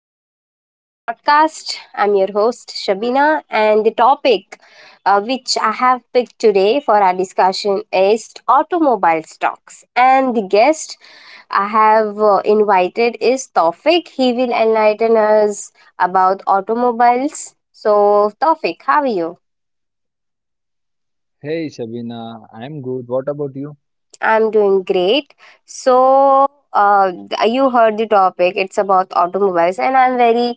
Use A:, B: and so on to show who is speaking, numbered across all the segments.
A: to my show, my podcast. I'm your host, Shabina, and the topic which I have picked today for our discussion is automobile stocks. And the guest I have invited is Tawfiq. He will enlighten us about automobiles. So, Tawfiq, how are you?
B: Hey Shabina, I'm good. What about you?
A: I'm doing great. So, uh, you heard the topic. It's about automobiles, and I'm very,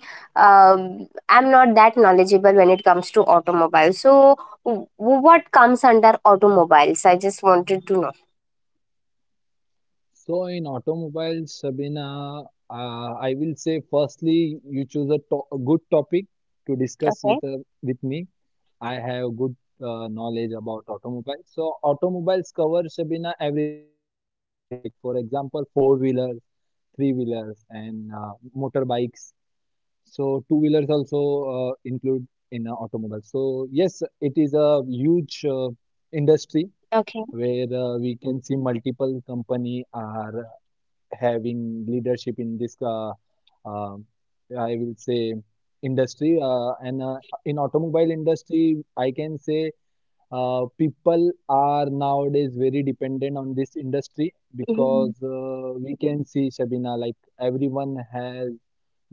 A: um, I'm not that knowledgeable when it comes to automobiles. So, what comes under automobiles? I just wanted to know.
B: So in automobiles, Shabina, I will say firstly you choose a good topic to discuss
A: Okay.
B: with me. I have good knowledge about automobiles. So automobiles cover Shabina everything. Like for example, four wheelers, three wheelers, and motorbikes. So two wheelers also include in automobile. So yes, it is a huge industry
A: Okay.
B: where we can see multiple company are having leadership in this uh, I will say industry, and in automobile industry I can say people are nowadays very dependent on this industry,
A: Mhm.
B: because we can see Shabina like everyone has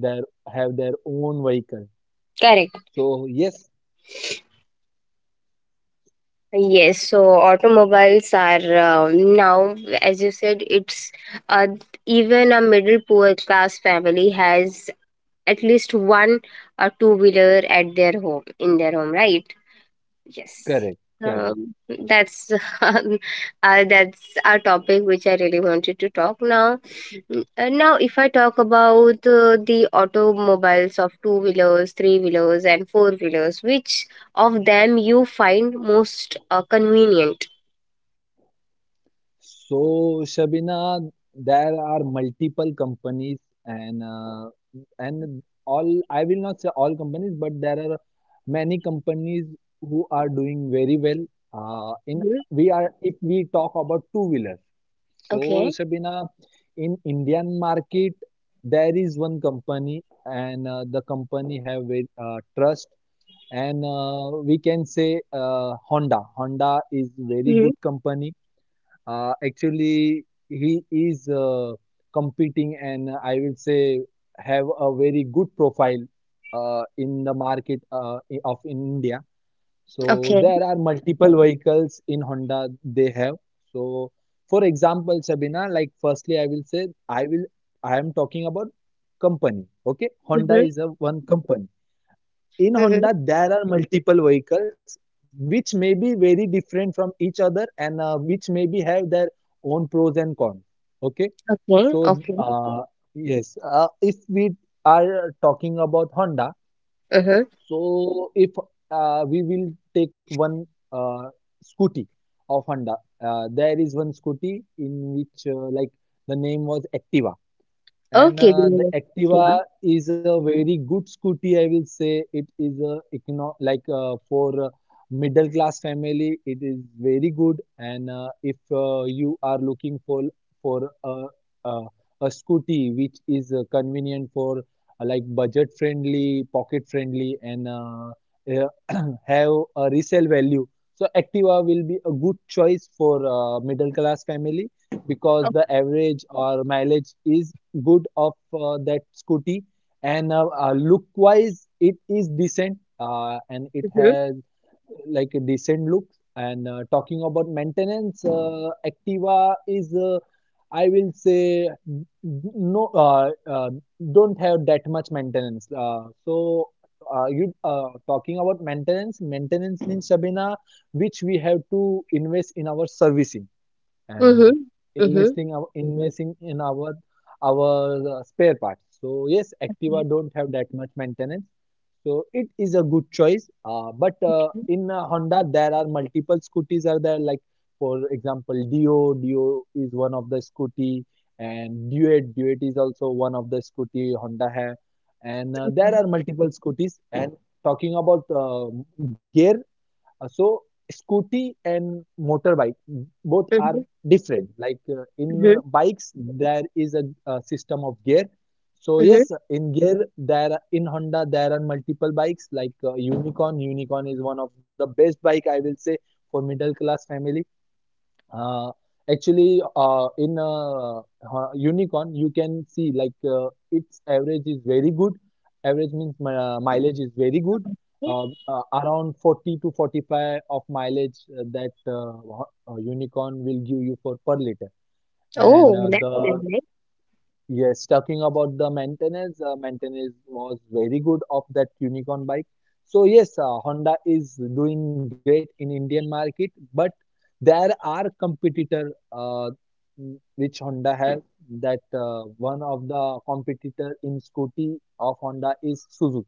B: their their own vehicle,
A: Correct.
B: so yes,
A: Yes. So automobiles are now, as you said, it's uh, even a middle poor class family has at least one or two wheeler at their home in their home, right? Yes.
B: correct, correct.
A: Um, that's um, that's our topic which I really wanted to talk now. Now, if I talk about the automobiles of two wheelers, three wheelers, and four wheelers, which of them you find most convenient?
B: So, Shabina, there are multiple companies, and uh, and all I will not say all companies, but there are many companies who are doing very well. In
A: Hmm.
B: we are if we talk about two wheelers. So,
A: Okay.
B: Shabina, in Indian market there is one company, and the company have a trust, and we can say Honda. Honda is very
A: Hmm.
B: good company, actually, he is competing, and I will say have a very good profile in the market, of India. So
A: Okay.
B: there are multiple vehicles in Honda they have. So for example, Sabina, like firstly, I will say I will I am talking about company. Okay, Honda
A: Hmm.
B: is a one company. In
A: Hmm.
B: Honda, there are multiple vehicles which may be very different from each other and which maybe have their own pros and cons. Okay,
A: Okay.
B: so, okay.
A: Okay.
B: Yes, if we are talking about Honda.
A: Hmm.
B: So if we will take one uh, scooty of Honda, there is one scooty in which, like, the name was Activa. And
A: Okay.
B: the
A: Divya. Shiva.
B: Activa is a very good scooty, I will say. It is a econo like, for middle class family, it is very good. And if you are looking for a, a, scooty which is convenient, for like budget friendly, pocket friendly, and uh, have a resale value, so Activa will be a good choice for middle class family, because the
A: Okay.
B: average or mileage is good of that scooty, and look wise it is decent, and it
A: Mm-hmm.
B: has like a decent look, and talking about maintenance, Activa is, I will say, no, don't have that much maintenance. So you, talking about maintenance, means Shabina which we have to invest in our servicing, and
A: Mm-hmm.
B: investing in our spare parts. So yes,
A: Mm-hmm.
B: Activa don't have that much maintenance. So it is a good choice. But in Honda, there are multiple scooties are there. Like for example, Dio. Dio is one of the scooty, and Duet. Duet is also one of the scooty Honda have. And there are multiple scooties. And talking about gear, so scooty and motorbike both are different, like in
A: Mm-hmm.
B: bikes there is a system of gear. So yes, in gear in Honda there are multiple bikes, like Unicorn. Unicorn is one of the best bike, I will say, for middle class family. uh, Actually, in Unicorn, you can see like its average is very good. Average means mileage is very good.
A: Mm-hmm.
B: Around 40 to 45 of mileage, that, Unicorn will give you for per liter. And
A: Oh, that's
B: the
A: nice.
B: Yes, talking about the maintenance, maintenance was very good of that Unicorn bike. So yes, Honda is doing great in Indian market, but there are competitor which Honda has. That one of the competitor in scooty of Honda is Suzuki.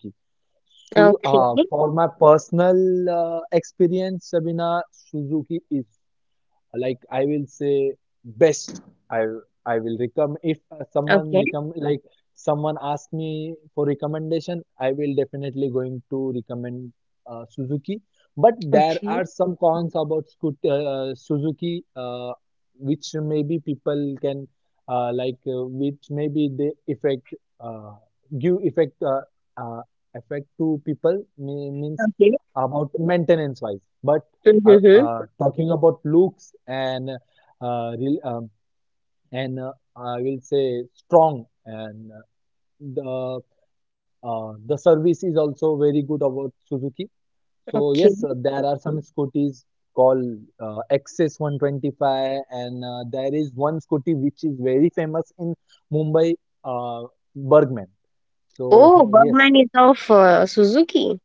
B: So
A: Okay,
B: for my personal experience, Sabina, Suzuki is, like I will say, best. I I will recommend if someone
A: okay,
B: recommend, like someone ask me for recommendation, I will definitely going to recommend Suzuki. But there
A: okay,
B: are some cons about scooter, Suzuki, which maybe people can, like, which maybe they affect, uh, give effect, uh, effect to people, means
A: okay.
B: about maintenance wise. But,
A: Mm-hmm,
B: talking about looks and real, and I will say, strong, and the the service is also very good about Suzuki. So
A: okay.
B: yes, there are some scooters called, XS 125, and there is one scooty which is very famous in Mumbai, uh, Bergman.
A: Oh,
B: So yes.
A: Bergman is of Suzuki.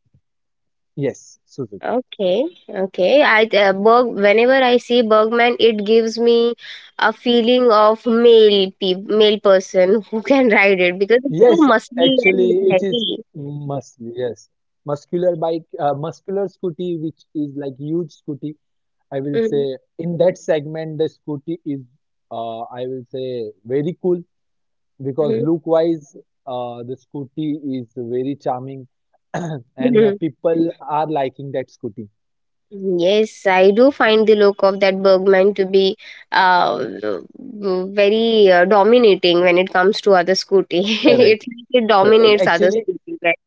B: Yes, Suzuki.
A: Okay, okay. I Berg. Whenever I see Bergman, it gives me a feeling of male person who can ride it because
B: Yes,
A: it's so muscly
B: actually,
A: and
B: it is
A: heavy.
B: mus yes, muscular bike, muscular scooty, which is like huge scooty. I will
A: Mm-hmm.
B: say, in that segment, the scooty is, I will say, very cool, because look-wise, the scooty is very charming, and
A: Mm-hmm.
B: people are liking that scooty.
A: Yes, I do find the look of that Bergman to be uh, very dominating when it comes to other scooty.
B: Correct,
A: it it
B: correct.
A: dominates other scooty, right?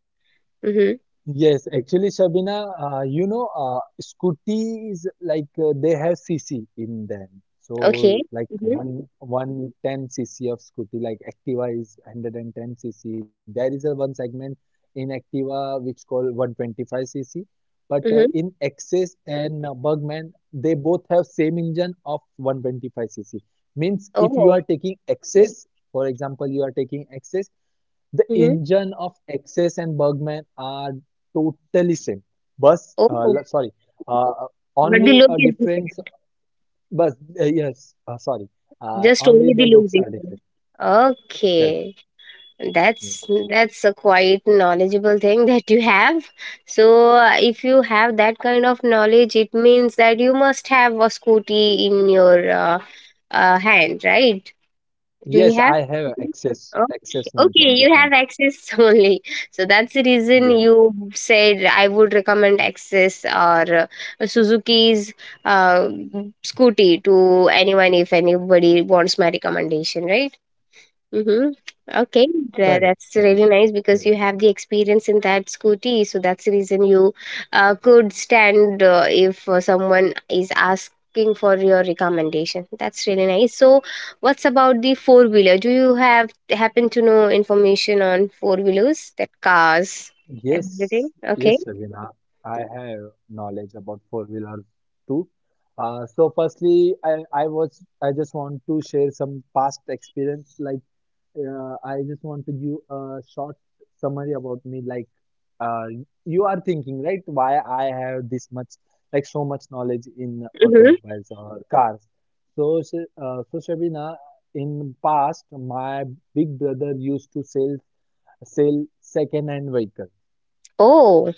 A: Mm-hmm.
B: Yes, actually, Shabina, scooties, like they have cc in them.
A: Okay.
B: So like
A: Mm-hmm.
B: one one ten cc of scooty, like Activa is 110 cc. There is a one segment in Activa which called 125 cc. But
A: Mm-hmm.
B: in Access and Bugman, they both have same engine of 125 cc. Means if you are
A: Oh.
B: taking Access, for example, you are taking Access. The
A: Mm-hmm.
B: engine of Access and Bergman are totally same. Bus,
A: Oh.
B: sorry, uh,
A: But the
B: only
A: look
B: a
A: is different.
B: difference. Bus, yes, sorry,
A: Just
B: only
A: only
B: the
A: the look
B: looks are
A: different.
B: different. Correct.
A: Okay.
B: Yes,
A: That's a quite knowledgeable thing that you have. So if you have that kind of knowledge it means that you must have a scooty in your hand, right? Do you
B: yes,
A: have
B: I have
A: scooty?
B: Access
A: Okay,
B: Access
A: okay, you have
B: 125.
A: access only. So that's the reason
B: Yes,
A: you said I would recommend access or Suzuki's uh, scooty to anyone if anybody wants my recommendation, right? Mm-hmm.
B: correct,
A: Okay,
B: correct, correct.
A: that's really nice because you have the experience in that scooty, so that's the reason you could stand if someone is asking for your recommendation. That's really nice. So, what's about the
B: Um,
A: four wheeler? Do you have happen to know information on four wheelers, that cars,
B: Yes,
A: everything?
B: yes,
A: Okay.
B: Sabina, I have knowledge about four wheeler too. So firstly, I just want to share some past experience. Like I just want to give a short summary about me. Like, uh, you are thinking, right? Why I have this much, like, so much knowledge in
A: Mm-hmm.
B: automobiles or cars. So, Shabina, in past, my big brother used to sell second-hand vehicles.
A: Oh,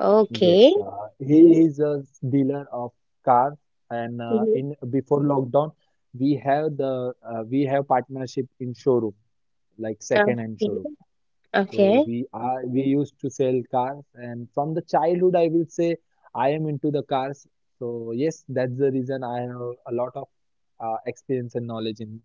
A: okay.
B: Yes, he is a dealer of cars, and
A: Mm-hmm.
B: in before lockdown, we have partnership in showroom, like second hand
A: Okay.
B: showroom. So
A: Okay.
B: we used to sell cars, and from the childhood, I will say I am into the cars. So yes, that's the reason I have a lot of experience and knowledge in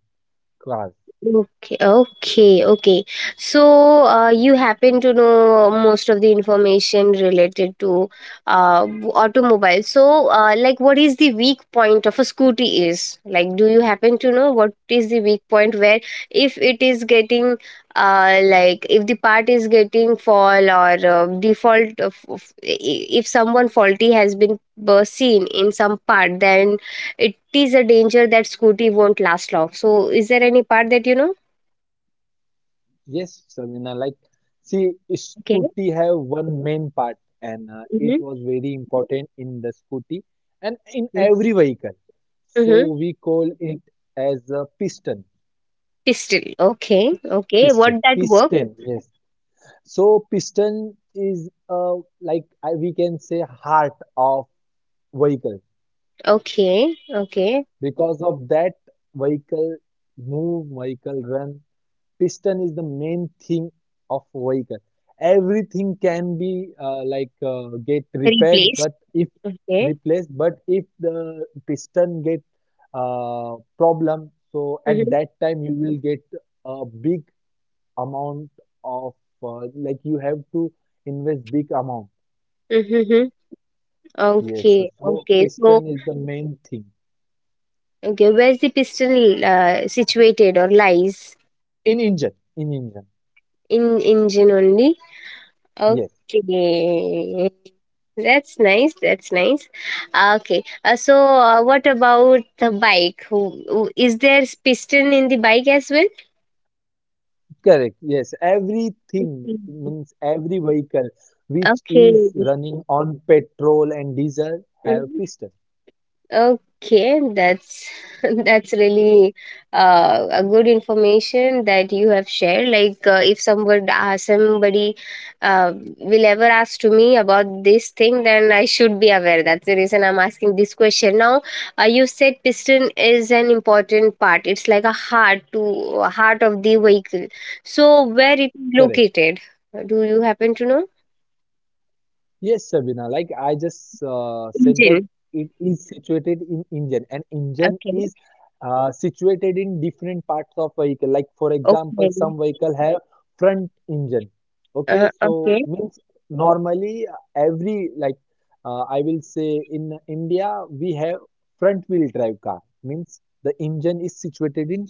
B: cars.
A: Okay, okay, okay. So, you happen to know most of the information related to uh, automobile. So, like, what is the weak point of a scooty is? Like, do you happen to know what is the weak point where if it is getting, like, if the part is getting fall or default, if someone faulty has been seen in some part, then it is a danger that scooty won't last long. So is there any part that you know?
B: Yes, Sabina, like see,
A: Okay.
B: scooty have one main part, and it
A: Mm-hmm.
B: was very important in the scooty, and in every vehicle.
A: Mm-hmm.
B: So we call it as a piston.
A: Pistol. Okay. Okay. What
B: Piston,
A: that worked?
B: piston, yes. So piston is, like we can say, heart of vehicle.
A: Okay. Okay.
B: Because of that, vehicle move, vehicle run. Piston is the main thing of vehicle. Everything can be, like, get repaired.
A: Replaced. Okay.
B: But if the piston get problem, so at
A: Mm-hmm.
B: that time you will get a big amount of, like, you have to invest big amount.
A: Mm-hmm.
B: Yes, sir.
A: Okay.
B: So
A: Okay. So
B: piston is the main thing
A: okay, where's the pistol situated or lies
B: in engine. In engine,
A: in engine only?
B: yes,
A: Okay. That's nice. That's nice. Okay. What about the bike? Is there piston in the bike as well?
B: correct. Yes, everything
A: Mhm.
B: means every vehicle which
A: Okay.
B: is running on petrol and diesel have
A: Mm-hmm.
B: piston.
A: Okay, that's that's really a good information that you have shared. Like, if someone somebody uh, will ever ask to me about this thing, then I should be aware. That's the reason I'm asking this question. Now, you said piston is an important part. It's like a heart to heart of the vehicle. So, where it is
B: Correct.
A: located? Do you happen to know?
B: Yes, Sabina, like I just said that
A: Engine.
B: it is situated in engine, and engine
A: Okay.
B: is situated in different parts of vehicle. Like for example,
A: Okay.
B: some vehicle have front engine. Okay, so
A: Okay.
B: means normally every like, I will say, in India we have front wheel drive car, means the engine is situated in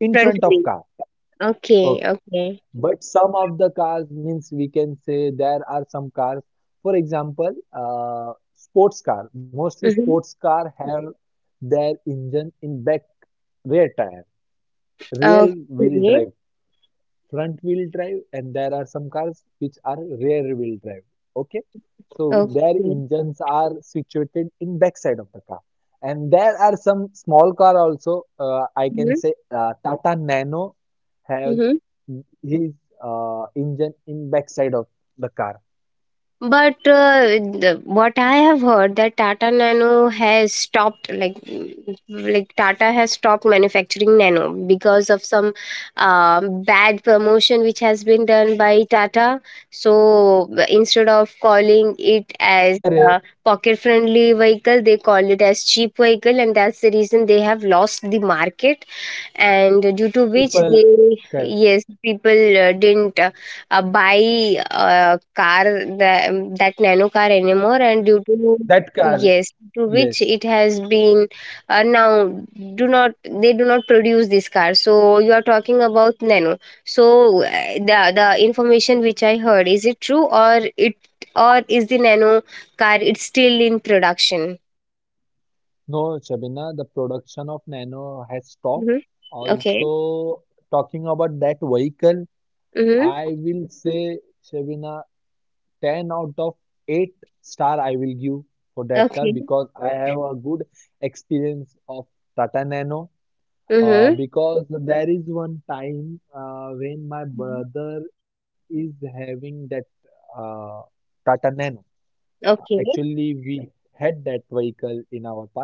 A: Front
B: front of
A: wheel.
B: car.
A: Okay,
B: Okay.
A: okay.
B: But some of the cars, means we can say there are some cars, for example, sports car. Mostly
A: Mm-hmm.
B: sports car have their engine in back rear tire, rear wheel
A: Okay,
B: drive, front wheel drive. And there are some cars which are rear wheel drive. Okay, so their
A: okay.
B: engines are situated in backside of the car. And there are some small car also, I can
A: Mm-hmm.
B: say, Tata Nano have
A: Mm-hmm.
B: his engine in backside of the car.
A: But what I have heard that Tata Nano has stopped, like, mm, like Tata has stopped manufacturing Nano because of some bad promotion which has been done by Tata. So instead
B: Correct.
A: of calling it as uh, pocket-friendly vehicle, they call it as cheap vehicle, and that's the reason they have lost the market
B: People.
A: and due
B: Correct.
A: to which they, yes, people didn't buy a car, that, that nano car
B: That
A: anymore, and
B: car.
A: due to,
B: Yes.
A: yes, to which it has been now do not, they do not produce this car. So you are talking about nano. So the information which I heard, is it true or it or is the nano car it's still in production?
B: No, Shabina, the production of Nano has stopped
A: Mm-hmm.
B: also.
A: Okay.
B: Talking about that vehicle, I
A: Mm-hmm.
B: will say, Shabina, 10 out of 8 star I will give for that car,
A: Okay.
B: because I have a good experience of Tata Nano.
A: Mm-hmm.
B: Because there is one time, when my
A: Mm-hmm.
B: brother is having that uh, Tata Nano.
A: Okay.
B: Actually, we had that vehicle in our past.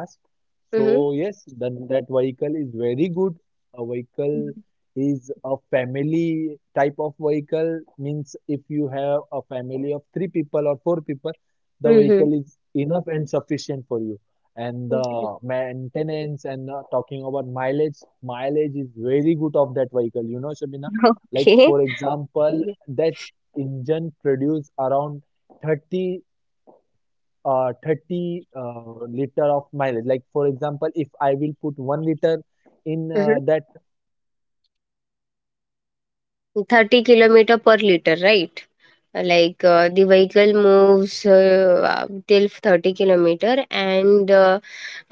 A: Hmm,
B: So
A: hmm.
B: yes, then that vehicle is very good. A vehicle is a family type of vehicle. Means if you have a family of three people or four people, the
A: hmm, hmm.
B: vehicle is enough and sufficient for you. And
A: okay.
B: the maintenance and, talking about mileage, is very good of that vehicle. You know, Shabina, like for example,
A: ये
B: that engine produce around 30, 30 liter of mileage. Like for example, if I will put 1 liter in
A: hmm, hmm.
B: that petrol, so it will go for 30
A: 30
B: kilometers.
A: Kilometre per litre
B: That's good,
A: right?
B: right? For a car,
A: Like the
B: it is
A: vehicle
B: very good.
A: moves till 30 kilometer and uh,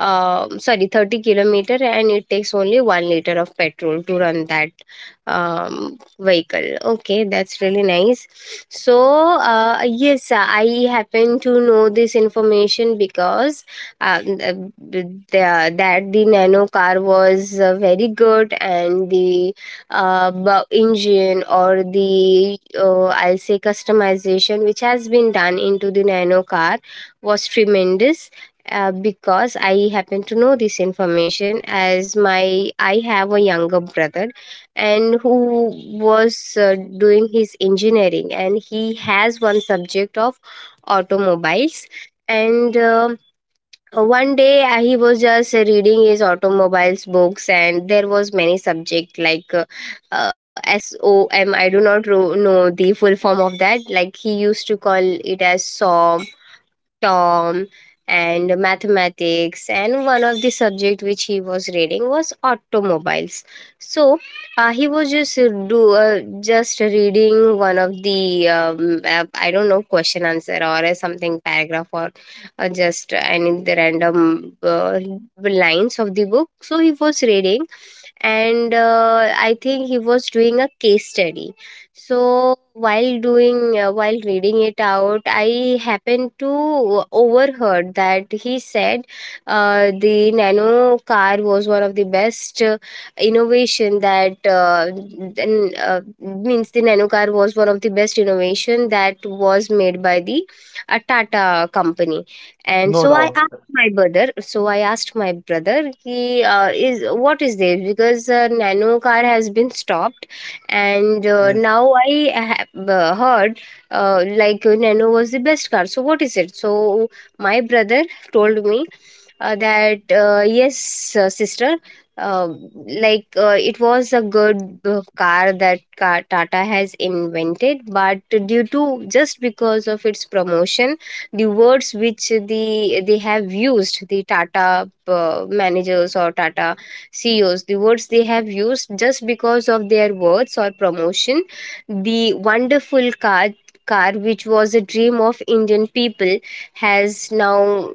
A: uh, sorry 30 kilometer and it takes only 1 liter of petrol to run that vehicle. Okay, that's really nice.
B: Yes,
A: So
B: that's the reason I think
A: yes, I
B: Tata
A: happen to
B: Nano
A: know this
B: is very good,
A: information
B: Shabina.
A: because um,
B: And
A: uh, the,
B: yes,
A: that the
B: because of
A: nano car was
B: some bad
A: very good
B: promotion,
A: and the
B: actually, that Tata Nano
A: engine or
B: has
A: the
B: the image
A: I'll
B: of
A: say
B: bad vehicle.
A: customization which
B: But
A: has been
B: I
A: done into
B: think
A: the nano
B: Shabina
A: car
B: Tata Nano is
A: was
B: very good,
A: tremendous. Because I happen
B: and
A: to know this
B: it has
A: information
B: its
A: as
B: own.
A: my I
B: Uh,
A: have a younger brother and who was doing his engineering and he has one subject of automobiles. And one day he was just reading his automobiles books and there was many subject like uh, som, do not know the full form of that, like he used to call it as som, Tom, and mathematics, and one of the subject which he was reading was automobiles. So he was just do just reading one of the I don't know, question answer or something paragraph or just any the random lines of the book. So he was reading, and I think he was doing a case study. So while doing, while reading it out, I happened to overheard that he said the nano car was one of the best innovation that means the nano car was one of the best innovation that was made by the Tata company. And so
C: No
A: I
C: doubt,
A: my brother so I asked my brother, "Ki is what is this because nano car has been stopped and
C: yes.
A: now I have heard nano was the best car, so what is it?" So my brother told me that yes, sister, uh, it was a good car, that car Tata has invented, but due to, just because of its promotion, the words which the they have used, the Tata managers or Tata CEOs, the words they have used, just because of their words or promotion, the wonderful car car which was a dream of Indian people has now,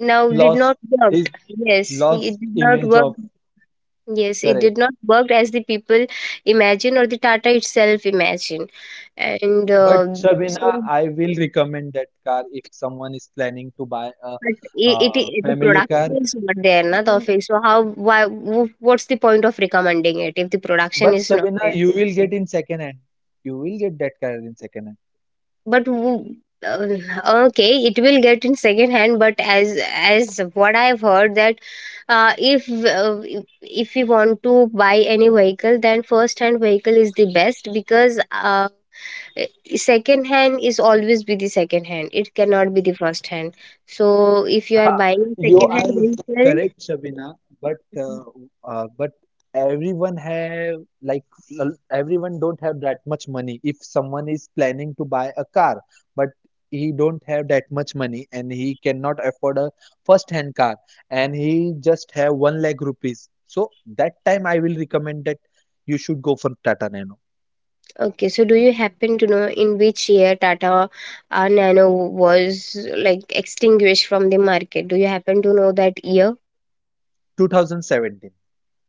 A: now did
C: Lost
A: not worked.
C: his,
A: Yes,
C: lost
A: it did not
C: image
A: work.
C: of.
A: Yes, it did
C: Correct.
A: not work as the people imagine or the Tata itself imagine, and
C: But
A: so
C: Shabina, I will recommend that car if someone is planning to buy a,
A: but it, it, it the
C: family
A: production
C: car.
A: is not there, na. Of
C: Mm.
A: So how, why, what's the point of recommending it if the production
C: But
A: is not there?
C: Shabina, you will get in second hand. You will get that car in second hand.
A: but w- okay, it will get in second hand, but as what I've heard that uh, if uh, if if you want to buy any vehicle, then first hand vehicle is the best because eh, second hand is always be the second hand, it cannot be the first hand. So if you are
C: Ah,
A: buying
C: you
A: second hand
C: are
A: vehicle.
C: correct, Shabina, but uh, but everyone have, like, everyone don't have that much money. If someone is planning to buy a car, but he don't have that much money and he cannot afford a first-hand car, and he just have one lakh rupees. So that time I will recommend that you should go for Tata Nano
A: Okay, so do you happen to know in which year Tata Nano was like extinguished from the market? Do you happen to know that year?
C: 2017.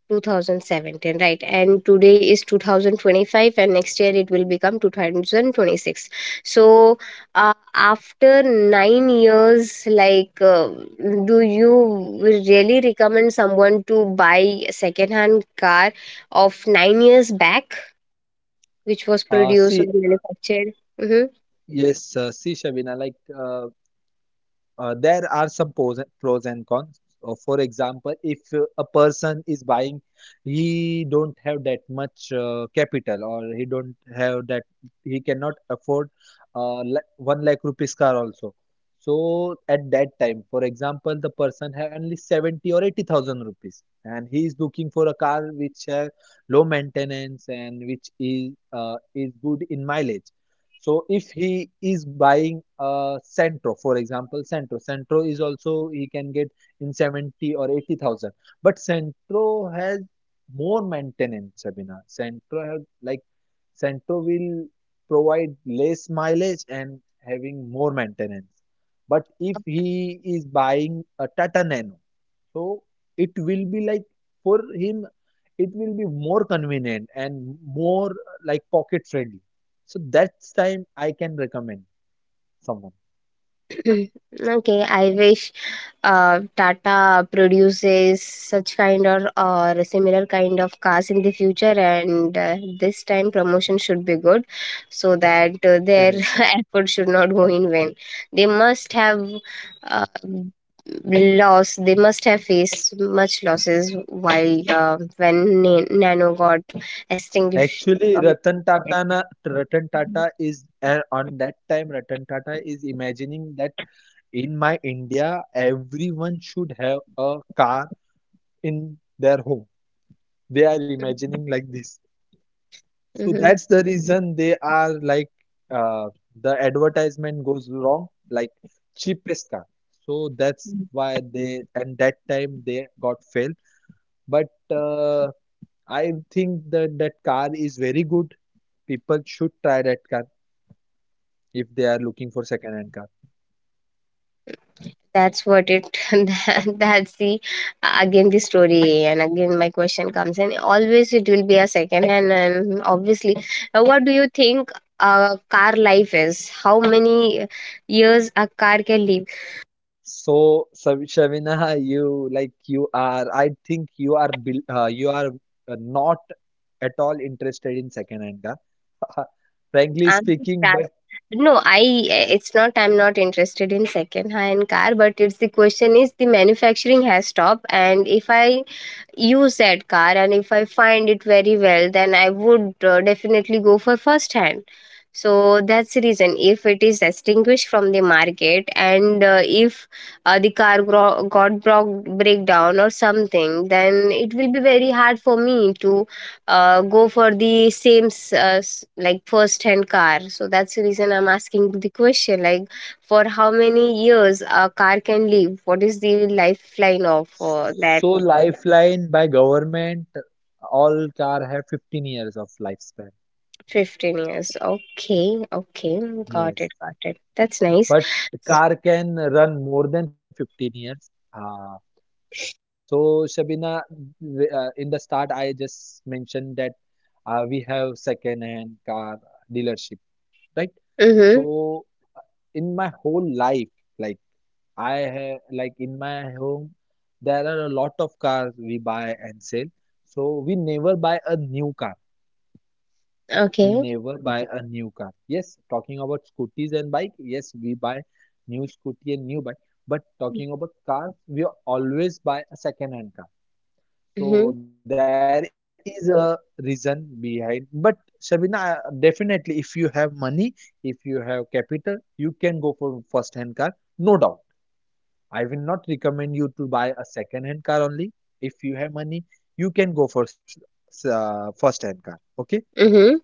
A: 2017, right? And today is 2025 and next year it will become 2026. So after 9 years, like do you really recommend someone to buy a second hand car of 9 years back which was produced or
C: See,
A: manufactured? Mm-hmm.
C: yes, see, Shabina, like. There are some pros and cons. For example, if a person is buying, he don't have that much capital, or he don't have that, he cannot afford one lakh rupees car also. So at that time, for example, the person have only seventy or eighty thousand rupees, and he is looking for a car which have low maintenance and which is good in mileage, so if he is buying a Centro, for example, Centro is also he can get in 70 or 80,000. But Centro has more maintenance, Sabina. Centro has like Centro will provide less mileage and having more maintenance. But if he is buying a Tata Nano, so it will be like for him, it will be more convenient and more like pocket friendly. So that's time I can recommend someone.
A: Okay, I wish Tata produces such kind or similar kind of cars in the future, and this time promotion should be good, so that their
C: Correct.
A: effort should not go in vain. They must have uh, loss. They must have faced much losses while Nano got extinguished
C: Actually,
A: from the
C: Ratan
A: market.
C: Tata, na, Ratan Tata is on that time. Ratan Tata is imagining that in my India, everyone should have a car in their home. They are imagining like this. So
A: Mhm.
C: that's the reason they are like uh, the advertisement goes wrong, like cheapest car. So that's why they, and that time they got failed. But uh, I think that that car is very good. People should try that car if they are looking for second-hand car.
A: That's what it that, that's the again the story, and again my question comes, and always it will be a second hand. And obviously, what do you think a car life is? How many years a car can live?
C: So, Shavina, you like you are. I think you are you are not at all interested in second-hand car. Frankly
A: I'm
C: speaking, but
A: just no I it's not, I'm not interested in second hand car, but it's, the question is the manufacturing has stopped, and if I use that car and if I find it very well, then I would definitely go for first hand. So that's the reason, if it is extinguished from the market, and if the car gro- got broke breakdown or something, then it will be very hard for me to go for the like first hand car. So that's the reason I'm asking the question, like for how many years a car can live, what is the lifeline of that?
C: so lifeline by government, all car have 15 years of lifespan.
A: 15 years. Okay, okay. Got
C: Yes.
A: it, got it. That's nice.
C: But the car can run more than 15 years. So Shabina, in the start, I just mentioned that we have second-hand car dealership, right?
A: Mm-hmm.
C: So in my whole life, like, I have, like, in my home, there are a lot of cars we buy and sell. So we never buy a new car, we
A: Okay.
C: never buy a new car. Yes, talking about scooters and bike, yes, we buy new scooty and new bike. But talking about cars, we always buy a second-hand car.
A: Mm-hmm.
C: So there is a reason behind. But Shabina, definitely, if you have money, if you have capital, you can go for first-hand car, no doubt. I will not recommend you to buy a second-hand car only. If you have money, you can go for first-hand car. Okay.
A: Mm-hmm.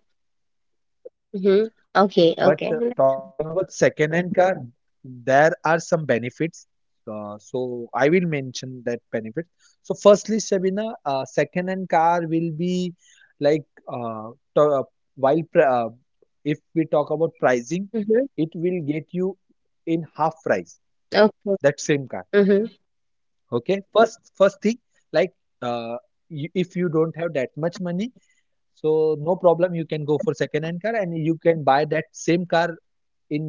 A: Mm-hmm. Okay,
C: But
A: okay.
C: talking about second-hand car, there are some benefits. So I will mention that benefit. So firstly, Shabina, second-hand car will be like to, while pr if we talk about pricing,
A: Mm-hmm.
C: it will get you in half price,
A: Okay.
C: that same car.
A: Mm-hmm.
C: Okay, first thing, like, uh, you, if you don't have that much money, so no problem, you can go for second-hand car, and you can buy that same car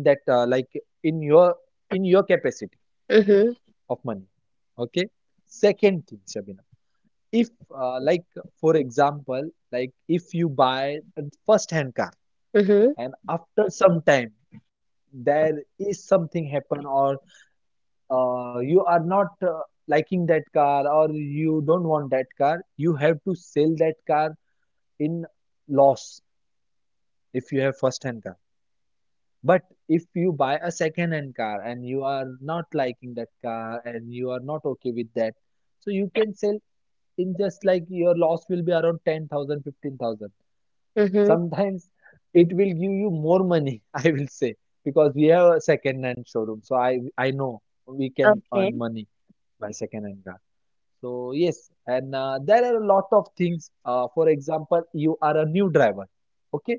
C: in that like in your, in your capacity
A: Mm-hmm.
C: of money. Okay, second thing, Shabina, if like, for example, like, if you buy a first hand car
A: Mm-hmm.
C: and after some time, there is something happen, or you are not liking that car, or you don't want that car, you have to sell that car in loss if you have first hand car. But if you buy a second hand car and you are not liking that car and you are not okay with that, so you can sell in just like your loss will be around 10,000, 15,000.
A: Mm-hmm.
C: Sometimes it will give you more money, I will say, because we have a second hand showroom. So I know we can
A: Okay.
C: earn money by second hand car. So yes, and there are a lot of things. For example, you are a new driver. Okay,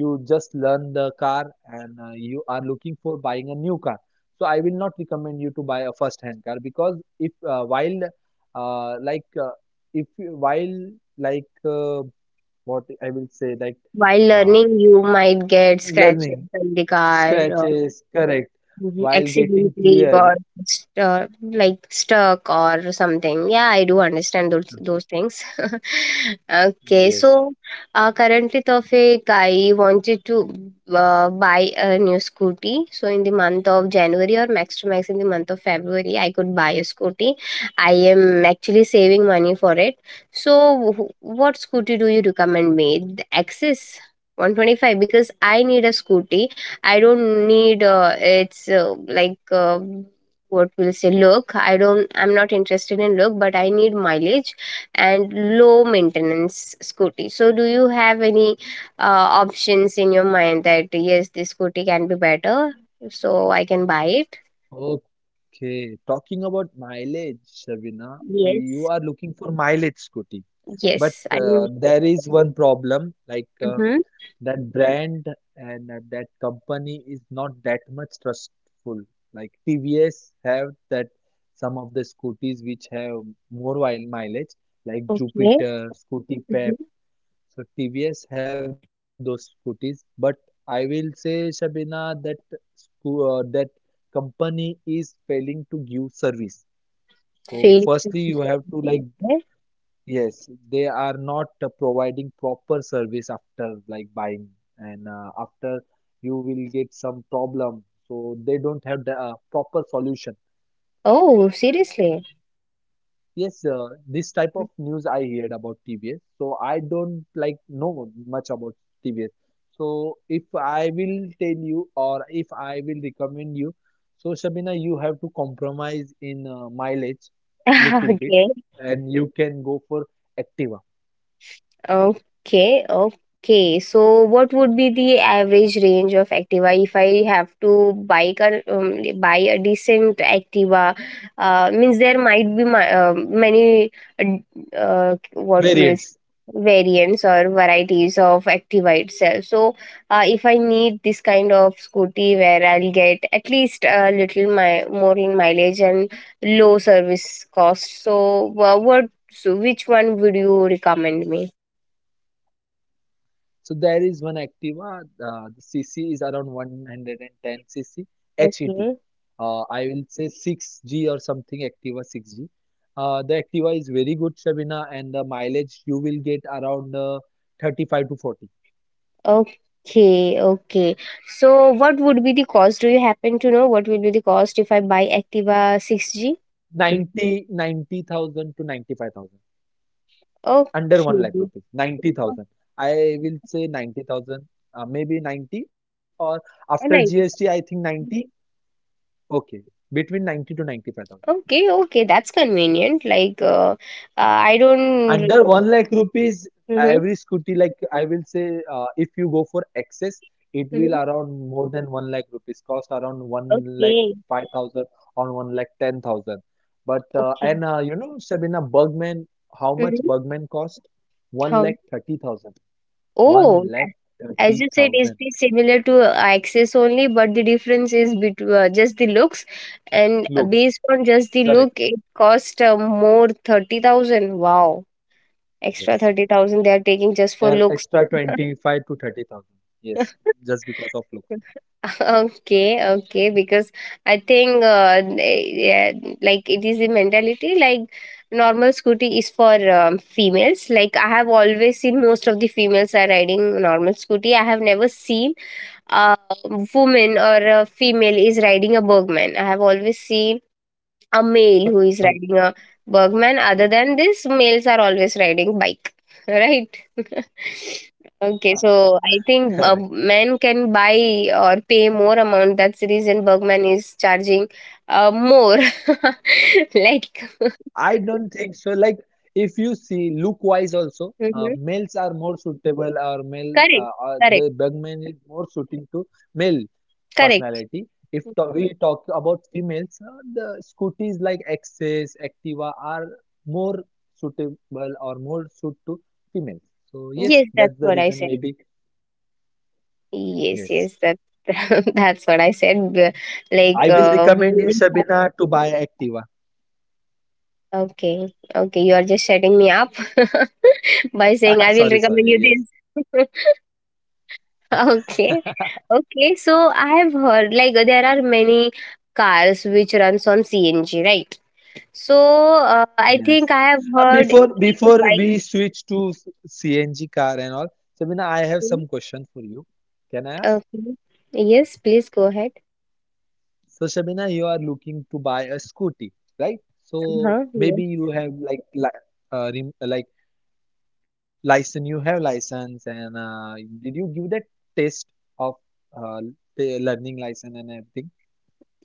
C: you just learn the car and you are looking for buying a new car, so I will not recommend you to buy a first hand car, because if while like if while, like, what I will say, like,
A: While
C: uh,
A: learning, you might get scratches
C: learning,
A: on the car.
C: scratches, correct,
A: Mhm,
C: while getting
A: accidentally
C: clear,
A: got like stuck or something. Yeah, I do understand those things. Okay,
C: yes.
A: so currently, Tawfiq, I wanted to buy a new scooty. So in the month of January, or max to max in the month of February, I could buy a scooty. I am actually saving money for it. So what scooty do you recommend me? The Axis. 125, because I need a scooty. I don't need it's like, um, what we'll say, look. I don't. I'm not interested in look, but I need mileage and low maintenance scooty. So do you have any uh, options in your mind that yes, this scooty can be better, so I can buy it?
C: Okay, talking about mileage, Shabina, you
A: Yes.
C: are looking for mileage scooty, but
A: Yes, I mean.
C: there is one problem, like,
A: Mm-hmm.
C: that brand and that company is not that much trustful. Like, TVS have that some of the scooters which have more mileage, like
A: Okay.
C: Jupiter, Scooty Pep.
A: Mm-hmm.
C: So TVS have those scooters, but I will say Shabina that that company is failing to give service. So
A: Feel.
C: firstly, you have to like, yes, they are not providing proper service after, like, buying, and after you will get some problem. So they don't have the proper solution.
A: Oh, seriously.
C: Yes, this type of news I heard about TVS. So I don't like know much about TVS. So if I will tell you or if I will recommend you, so Shabina, you have to compromise in mileage little
A: Okay.
C: bit, and you can go for Activa
A: Okay, okay. So what would be the average range of Activa if I have to buy a, buy a decent Activa? Means there might be my, um, many uh, what will
C: variants.
A: variants or varieties of Activa itself. So if I need this kind of scooty where I'll get at least a little my more in mileage and low service cost, so what so which one would you recommend me?
C: So there is one Activa. The CC is around 110 cc HET.
A: Okay.
C: I will say 6G or something. Activa 6G. The Activa is very good, Shabina, and the mileage you will get around 35 to 40,
A: Okay. Okay. So what would be the cost? Do you happen to know what will be the cost if I buy Activa 6G?
C: 90, 90,000 to 95,000, under 1
A: Okay.
C: lakh rupees.
A: Oh,
C: 90,000. I will say 90,000, maybe 90, or after GST,
A: 95.
C: I think 90. Okay, between 90 to 95,000.
A: Okay. Okay. That's convenient. Like, I don't.
C: Under 1 lakh rupees,
A: Mm-hmm,
C: every scooty, like I will say, if you go for excess, it will
A: mm-hmm.
C: around more than 1 lakh rupees, cost around 1 lakh
A: Okay.
C: 5,000 or 1 lakh 10,000. But,
A: Okay.
C: and you know, Shabina, Bugman, how much
A: Mm-hmm.
C: Bugman cost? 1
A: Um,
C: lakh 30,000.
A: oh.
C: 1 lakh
A: As you said, it's
C: 30,000.
A: the similar to Access only, but the difference is between just the looks, and
C: Looks,
A: based on just the look,
C: correct.
A: it cost more 30,000. Wow, extra
C: Yes.
A: 30,000 they are taking just for
C: And
A: looks.
C: extra 25 to 30,000. Yes, just because of looks.
A: Okay, okay, because I think yeah, like it is the mentality, like normal scooty is for, females. Like, I have always seen most of the females are riding normal scooty. I have never seen a woman or a female is riding a Bergman. I have always seen
C: Oh,
A: a male who is riding a Bergman. Other than this, males are always riding bike, right? Okay,
C: correct,
A: so I
C: correct.
A: think men can buy or pay more amount. That's the reason Bergman is charging more. Like,
C: I don't think so. Like, if you see look wise also,
A: Mhm.
C: males are more suitable, or male
A: Correct,
C: the
A: correct,
C: Bugman is more suiting to male
A: correct.
C: personality. If to we talk about females, the scooters like Access, Activa are more suitable or more suit to females. So
A: Yes,
C: yes,
A: that's
C: that's
A: what
C: the
A: I said.
C: reason maybe.
A: Yes, yes,
C: Yes.
A: that that's what I said. Like,
C: I will recommend you
A: we.
C: Shabina to buy Activa.
A: Okay, okay, you are just setting me up by saying I will
C: Sorry,
A: recommend
C: sorry.
A: you
C: Yes.
A: this. Okay, okay. So I have heard like there are many cars which runs on CNG, right? So I think
C: Yes.
A: I have
C: Uh,
A: heard
C: before before
A: e-bike
C: we switch to CNG car and all, Shabina, I have some
A: too.
C: question for you. Can I ask?
A: Okay. Yes, please go ahead.
C: So, Shabina, you are looking to buy a scooty, right? So
A: Uh-huh.
C: maybe you have like li rem like license, you have license, and did you give that test of uh, the learning license and everything?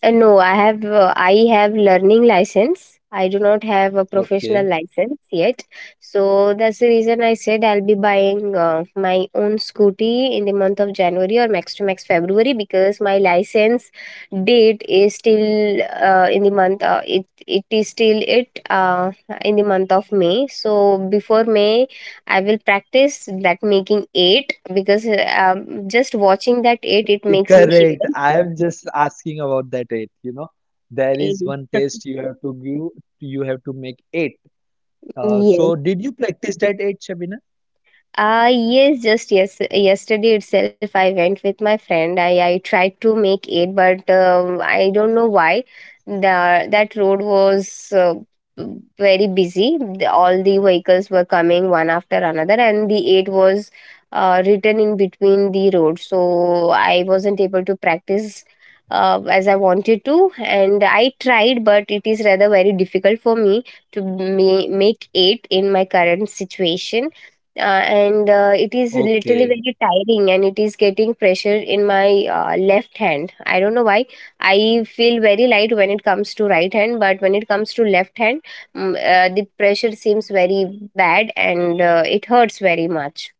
A: No, I have learning license. I do not have a
C: Okay,
A: professional license yet. So that's the reason I said I'll be buying my own scooty in the month of January, or max to max February, because my license date is still in the month it it is still it in the month of May. So before May I will practice that making eight, because just watching that eight it makes me
C: correct.
A: shiver.
C: I am just asking about that rate. You know, there is one test you have to give. You have to make eight.
A: Yes.
C: So did you practice that at Shabina?
A: Yes, just yes. Yesterday itself, I went with my friend. I tried to make it, but I don't know why. The that road was very busy. All the vehicles were coming one after another, and the eight was written in between the road. So I wasn't able to practice as I wanted to, and I tried, but it is rather very difficult for me to make eight in my current situation, and it is literally
C: Okay,
A: very tiring, and it is getting pressure in my left hand. I don't know why. I feel very light when it comes to right hand, but when it comes to left hand, the pressure seems very bad, and it hurts very much.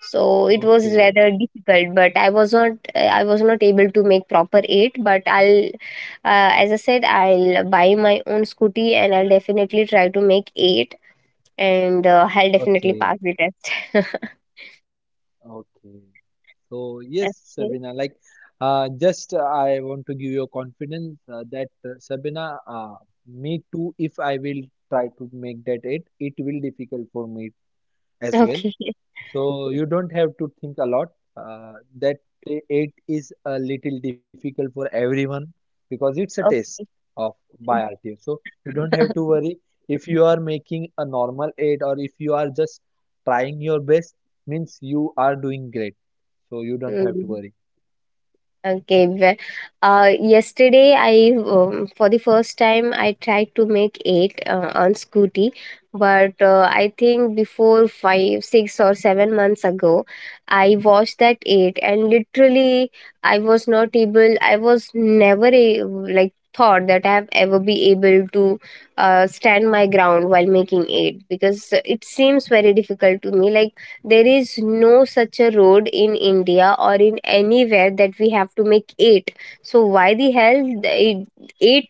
A: So it was
C: okay,
A: rather difficult, but I was not able to make proper eight. But I'll as I said, I'll buy my own scooty, and I'll definitely try to make eight, and I'll definitely
C: okay,
A: pass the test.
C: okay. So yes,
A: Okay.
C: Sabina, like, just I want to give you a confidence that Sabina, me too, if I will try to make that it will difficult for me as well.
A: Okay.
C: So you don't have to think a lot. Uh, that it is a little difficult for everyone because it's a test
A: Okay.
C: of by RTO. So you don't have to worry if you are making a normal 8, or if you are just trying your best means you are doing great. So you don't have to
A: Mm,
C: worry.
A: okay. Yesterday, I, for the first time I tried to make eight on Scooty, but I think before five, six, or seven months ago, I watched that eight, and literally, I was not able. I was never a, like, thought that I have ever be able to stand my ground while making eight, because it seems very difficult to me. Like, there is no such a road in india or in anywhere that we have to make eight. So why the hell the eight,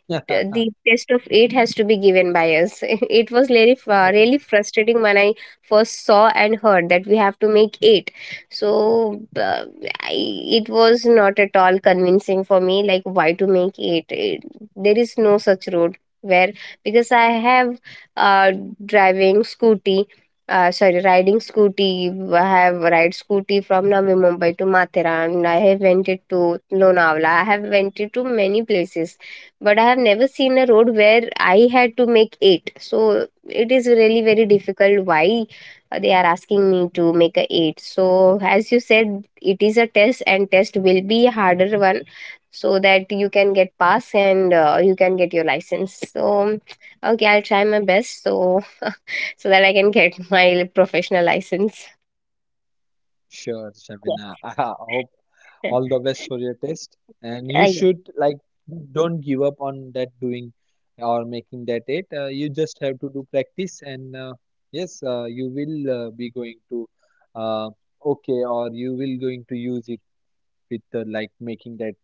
A: the test of eight has to be given by us? It was really really frustrating when I first saw and heard that we have to make eight. So I, it was not at all convincing for me. Like, why to make eight? It, there is no such road where, because I have uh, driving scooty riding scooty. I have ride scooty from Navi Mumbai to Matheran. I have went it to Lonavala. I have went it to many places, but I have never seen a road where I had to make eight. So it is really very difficult. Why they are asking me to make a eight? So as you said, it is a test, and test will be a harder one, so that you can get pass and you can get your license. So okay, I'll try my best, so so that I can get my professional license.
C: Sure, Shabina.
A: Yeah.
C: I hope all the best for your test, and you
A: Yes.
C: should like don't give up on that doing or making that it, you just have to do practice, and yes, you will be going to uh, okay, or you will going to use it with like making that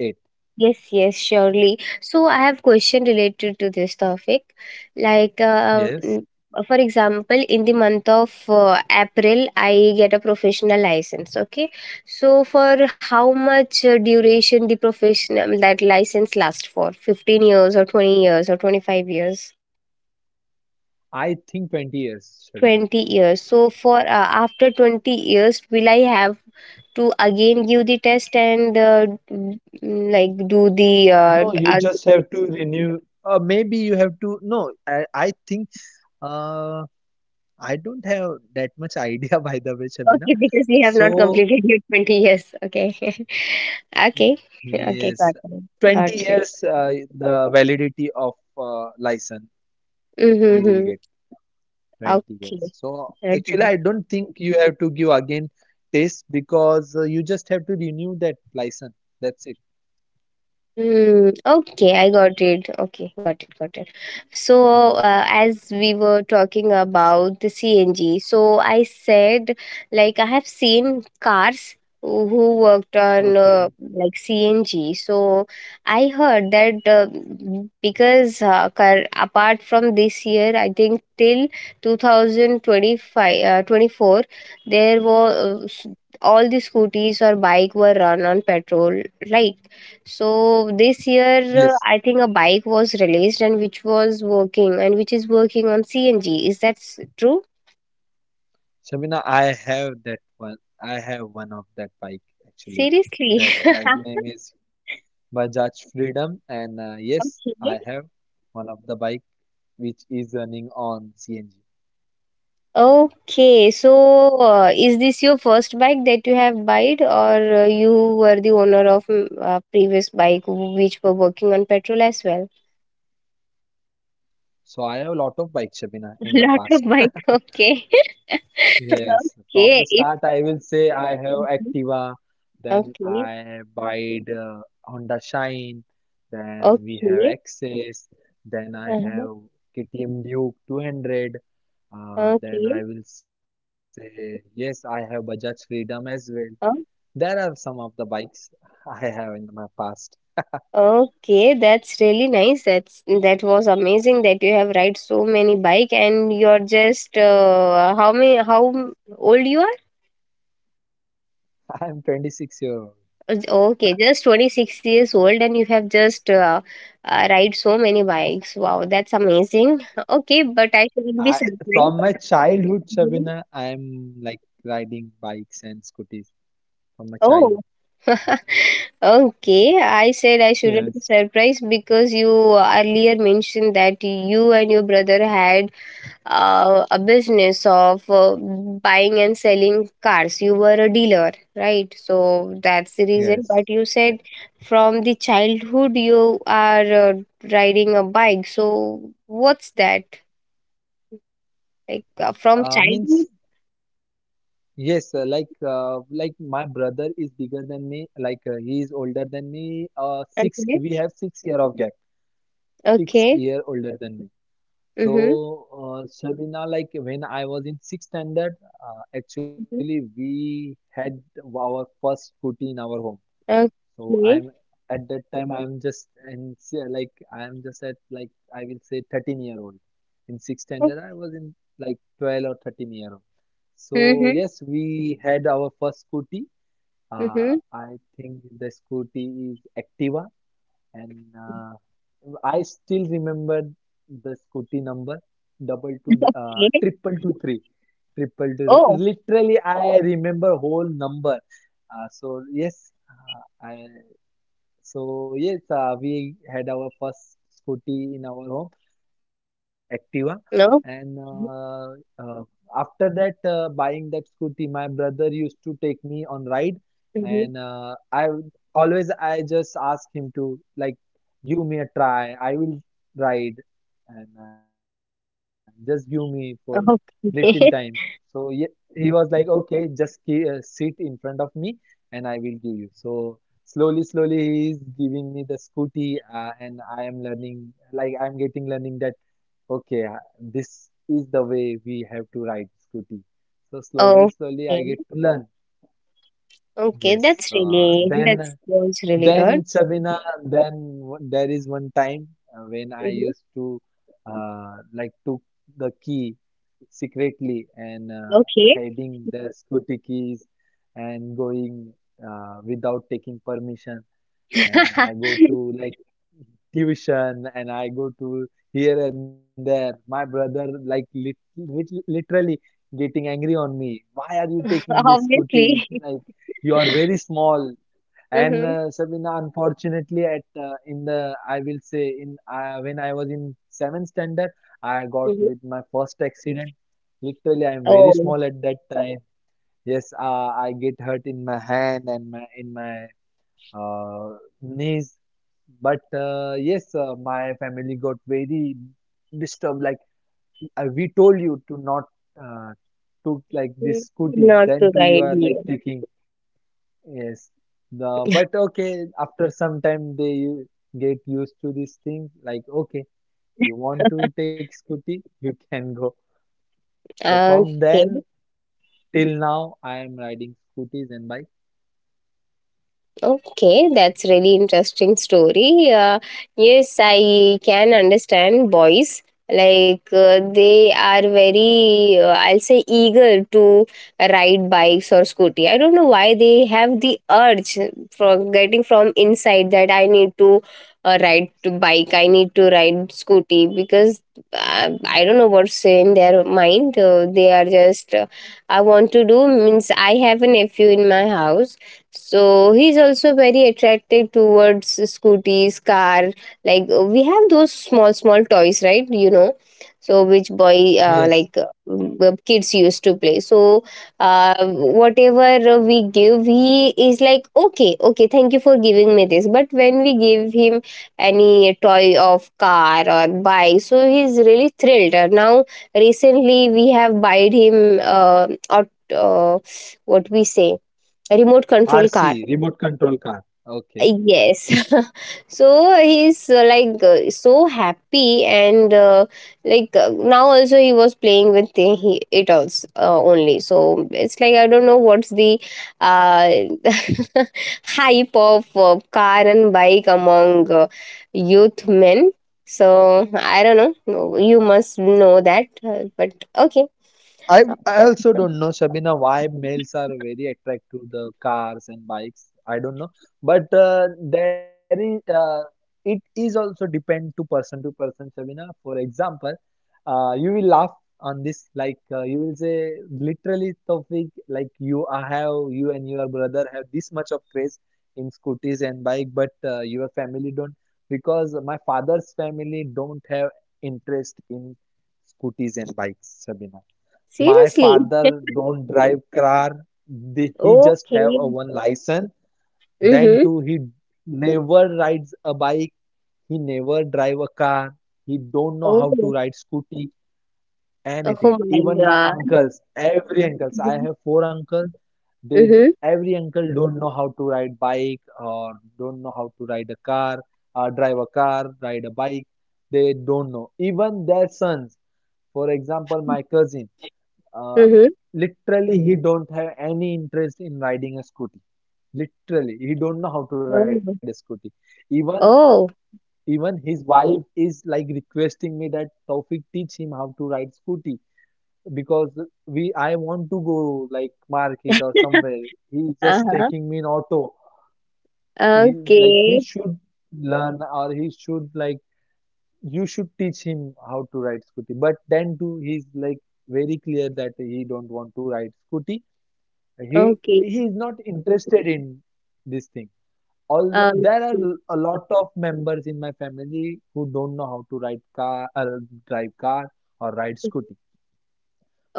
C: it,
A: Yes, yes, surely. So I have question related to this topic. Like, uh,
C: yes,
A: mm, for example, in the month of April, I get a professional license. Okay, so for how much duration the professional that license lasts for? 15 years, or 20 years, or 25 years?
C: I think 20 years Shabina.
A: 20 years. So for after 20 years will I have to again give the test, and like do the uh,
C: No,
A: d-
C: you
A: uh,
C: just have to renew, maybe you have to no I think uh, I don't have that much idea by the way Shabina,
A: okay, because we have not
C: so
A: completed your 20 years. Okay. Okay.
C: yes,
A: Okay, got it,
C: 20
A: got it.
C: years, the validity of license you
A: Mm-hmm.
C: will get
A: Mm-hmm.
C: 20
A: Okay,
C: years. So actually,
A: okay.
C: I don't think you have to give again test, because you just have to renew that license. That's it.
A: Mm, okay, I got it. Okay, got it, got it. So,
C: Mhm.
A: as we were talking about the CNG, so I said, like, I have seen cars who worked on
C: Okay.
A: like CNG. So, I heard that because cur- apart from this year, I think till 2025, 24, there were s- all the scooters or bike were run on petrol, right? So this year,
C: Yes,
A: I think a bike was released and which was working and which is working on CNG. Is that s- true?
C: Shamina, I have that one. I have one of that bike actually.
A: Seriously?
C: That bike name is Bajaj Freedom, and yes,
A: okay.
C: I have one of the bike which is running on CNG.
A: Okay. So is this your first bike that you have bought, or you were the owner of mm, previous bike which were working on petrol as well?
C: So I have a lot of bikes, Shabina, in my
A: A
C: past.
A: lot of bike. Okay.
C: Yes, from the
A: okay.
C: start,
A: It's
C: I will say I have Activa, then
A: okay.
C: I buy the Honda Shine, then we have
A: Okay.
C: Access, then I
A: Uh-huh.
C: have KTM Duke 200, then
A: Okay.
C: I will say, yes, I have Bajaj Freedom as well.
A: Uh-huh.
C: There are some of the bikes I have in my past.
A: Okay, that's really nice. That's that was amazing that you have ride so many bike and you're just how many how m- old you are?
C: I am 26-year-old.
A: Okay, just 26 years old and you have just ride so many bikes. Wow, that's amazing. Okay, but I shouldn't
C: I
A: be
C: from my
A: surprised.
C: childhood, Shabina,
A: Mhm.
C: I'm like riding bikes and scooters from my childhood.
A: Oh, okay. I said I shouldn't
C: Yes.
A: be surprised because you earlier mentioned that you and your brother had a business of buying and selling cars you were a dealer right so that's the reason
C: Yes.
A: but you said from the childhood you are riding a bike so what's that like from
C: Means
A: childhood
C: yes, like my brother is bigger than me. He is older than me. Six.
A: okay
C: We have 6 year of gap. Six
A: okay
C: year older than me.
A: mm-hmm.
C: So Shabina, like when I was in sixth standard, actually
A: Mm-hmm.
C: we had our first scooty in our home. So I'm
A: Okay.
C: At that time I'm just like I'm just at like I will say 13-year-old. In sixth standard I was in like 12 or 13-year-old. So
A: Mm-hmm.
C: yes, we had our first scooty. Uh,
A: Mm-hmm.
C: I think the scooty is Activa, and I still remember the scooty number double two
A: Okay.
C: triple two three triple two three.
A: Oh,
C: Literally, I remember whole number. Uh, so yes, uh, I we had our first scooty in our home, Activa, and
A: no.
C: uh, after that, buying that scooty, my brother used to take me on ride, and
A: Mhm.
C: always I just ask him to like give me a try. I will ride, and just give me for little time. So
A: Okay.
C: yeah, he was like, okay, just sit in front of me, and I will give you. So slowly slowly he is giving me the scooty and I am learning, like I'm getting learning that okay, this is the way we have to ride scooty. So slowly slowly
A: Okay.
C: I get to learn.
A: Okay.
C: Yes,
A: That's really, that's really
C: then
A: good.
C: Shabina then there is one time when I
A: Mhm.
C: used to like took the key secretly and
A: Okay.
C: hiding the scooty keys and going, without taking permission, and I go to like tuition and I go to here and there. My brother like literally getting angry on me. Why are you taking this scooty with
A: Obviously.
C: like you are very small? And
A: Mm-hmm.
C: Sabina, unfortunately, at in the I will say in when I was in seventh standard, I got
A: Mm-hmm.
C: with my first accident. Literally, I am very
A: Oh,
C: small at that time. Yes, I get hurt in my hand and my in my knees. But my family got very disturbed. Like I, we told you to not uh, took like this scooty.
A: not to
C: Then
A: the
C: too you are
A: idea.
C: like taking. Yes. The but okay after some time they get used to these things. Like okay, you want to take scooty, you can go. So from
A: Okay.
C: then till now, I am riding scooters and bike.
A: Okay, that's really interesting story. Yes, I can understand boys, like they are very I'll say eager to ride bikes or scooty. I don't know why they have the urge from getting from inside that I need to ride to bike, I need to ride scooty, because I don't know what's in their mind. They are just I want to do means I have a nephew in my house, so he's also very attracted towards scooties car. We have those small small toys, right. So which boy
C: Yes,
A: kids used to play. So whatever we give, he is like, okay, okay, thank you for giving me this. But when we give him any toy of car or bike, so he's really thrilled. Now recently we have buyed him what we say, remote control car.
C: RC remote control car. Okay.
A: Yes. So he's so happy, and now also he was playing with it also only. So it's like, I don't know what's the uh, hype of car and bike among youth men. So I don't know. No, you must know that but okay.
C: I also don't know, Shabina, why males are very attracted to the cars and bikes. I don't know, but there is it is also depend to person, Shabina. For example, you will laugh on this, you will say literally, Taufik, like you I have you and your brother have this much of craze in scooters and bike, but your family don't, because my father's family don't have interest in scooters and bikes, Shabina. My
A: Seriously.
C: father don't drive car. He just have
A: Okay.
C: a one license. Then
A: Mm-hmm.
C: too, he never rides a bike. He never drive a car. He don't know how to
A: Oh.
C: ride scooty, anything.
A: Oh my
C: Even my
A: god.
C: uncles, every uncles, I have four uncles. They
A: Mhm,
C: every uncle don't know how to ride bike or don't know how to ride a car, drive a car, ride a bike. They don't know. Even their sons. For example, my cousin. Uh,
A: mhm.
C: Literally, he don't have any interest in riding a scooty. Literally, he don't know how to ride a
A: Oh.
C: scooty. Even
A: Oh.
C: even his wife is like requesting me that Taufik teach him how to ride scooty, because we I want to go like market or somewhere. He's just
A: Uh-huh.
C: taking me in auto. He
A: Okay,
C: should learn, or he should like, you should teach him how to ride scooty. But then too he's like very clear that he don't want to ride scooty. he
A: okay.
C: he is not interested in this thing. All
A: Um,
C: there are a lot of members in my family who don't know how to ride car, drive car, or ride
A: mhm.
C: scooty.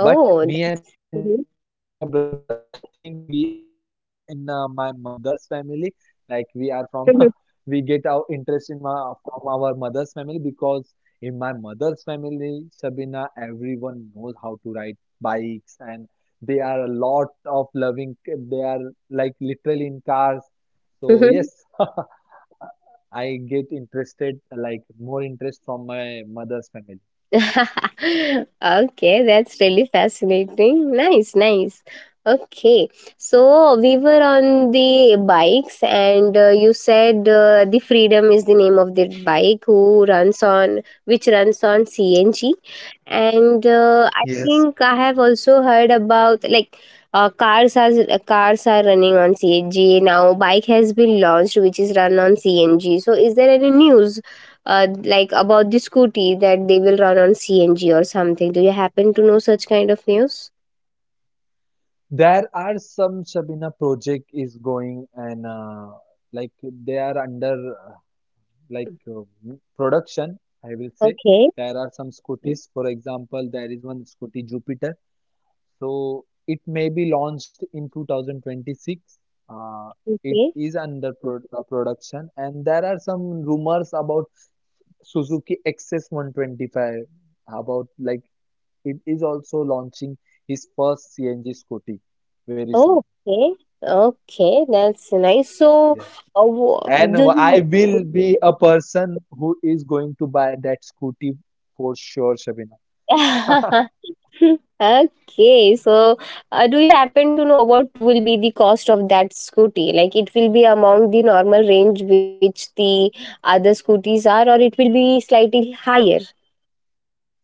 C: But
A: that's
C: me and my brother,
A: mhm.
C: I think we are gone in my mother's family. Like we are from, we get our interest in my, from our mother's family, because in my mother's family, Shabina, everyone knows how to ride bikes and they are a lot of loving. They are like literally in cars.
A: Mhm,
C: So yes,
A: mhm.
C: I get interested, like more interest from my mother's family.
A: Okay, that's really fascinating. Nice, nice. Okay, so we were on the bikes, and you said the Freedom is the name of the bike who runs on which runs on CNG, and I
C: Yes.
A: think I have also heard about like cars are running on CNG now. Bike has been launched, which is run on CNG. So, is there any news like about the scooty that they will run on CNG or something. Do you happen to know such kind of news?
C: There are some Shabina project is going and like they are under like production, I will say.
A: Okay,
C: There are some scooters, for example, there is one scooty Jupiter. So it may be launched in 2026. Uh, it
A: okay,
C: is under production, and there are some rumors about Suzuki XS125 about like it is also launching his first CNG scooty very soon.
A: oh, okay, okay. That's nice. So,
C: Yes.
A: uh, wha-
C: And
A: do you?
C: I will be a person who is going to buy that scooty for sure, Shabina.
A: Okay, so do you happen to know what will be the cost of that scooty? Like, it will be among the normal range which the other scooties are, or it will be slightly higher?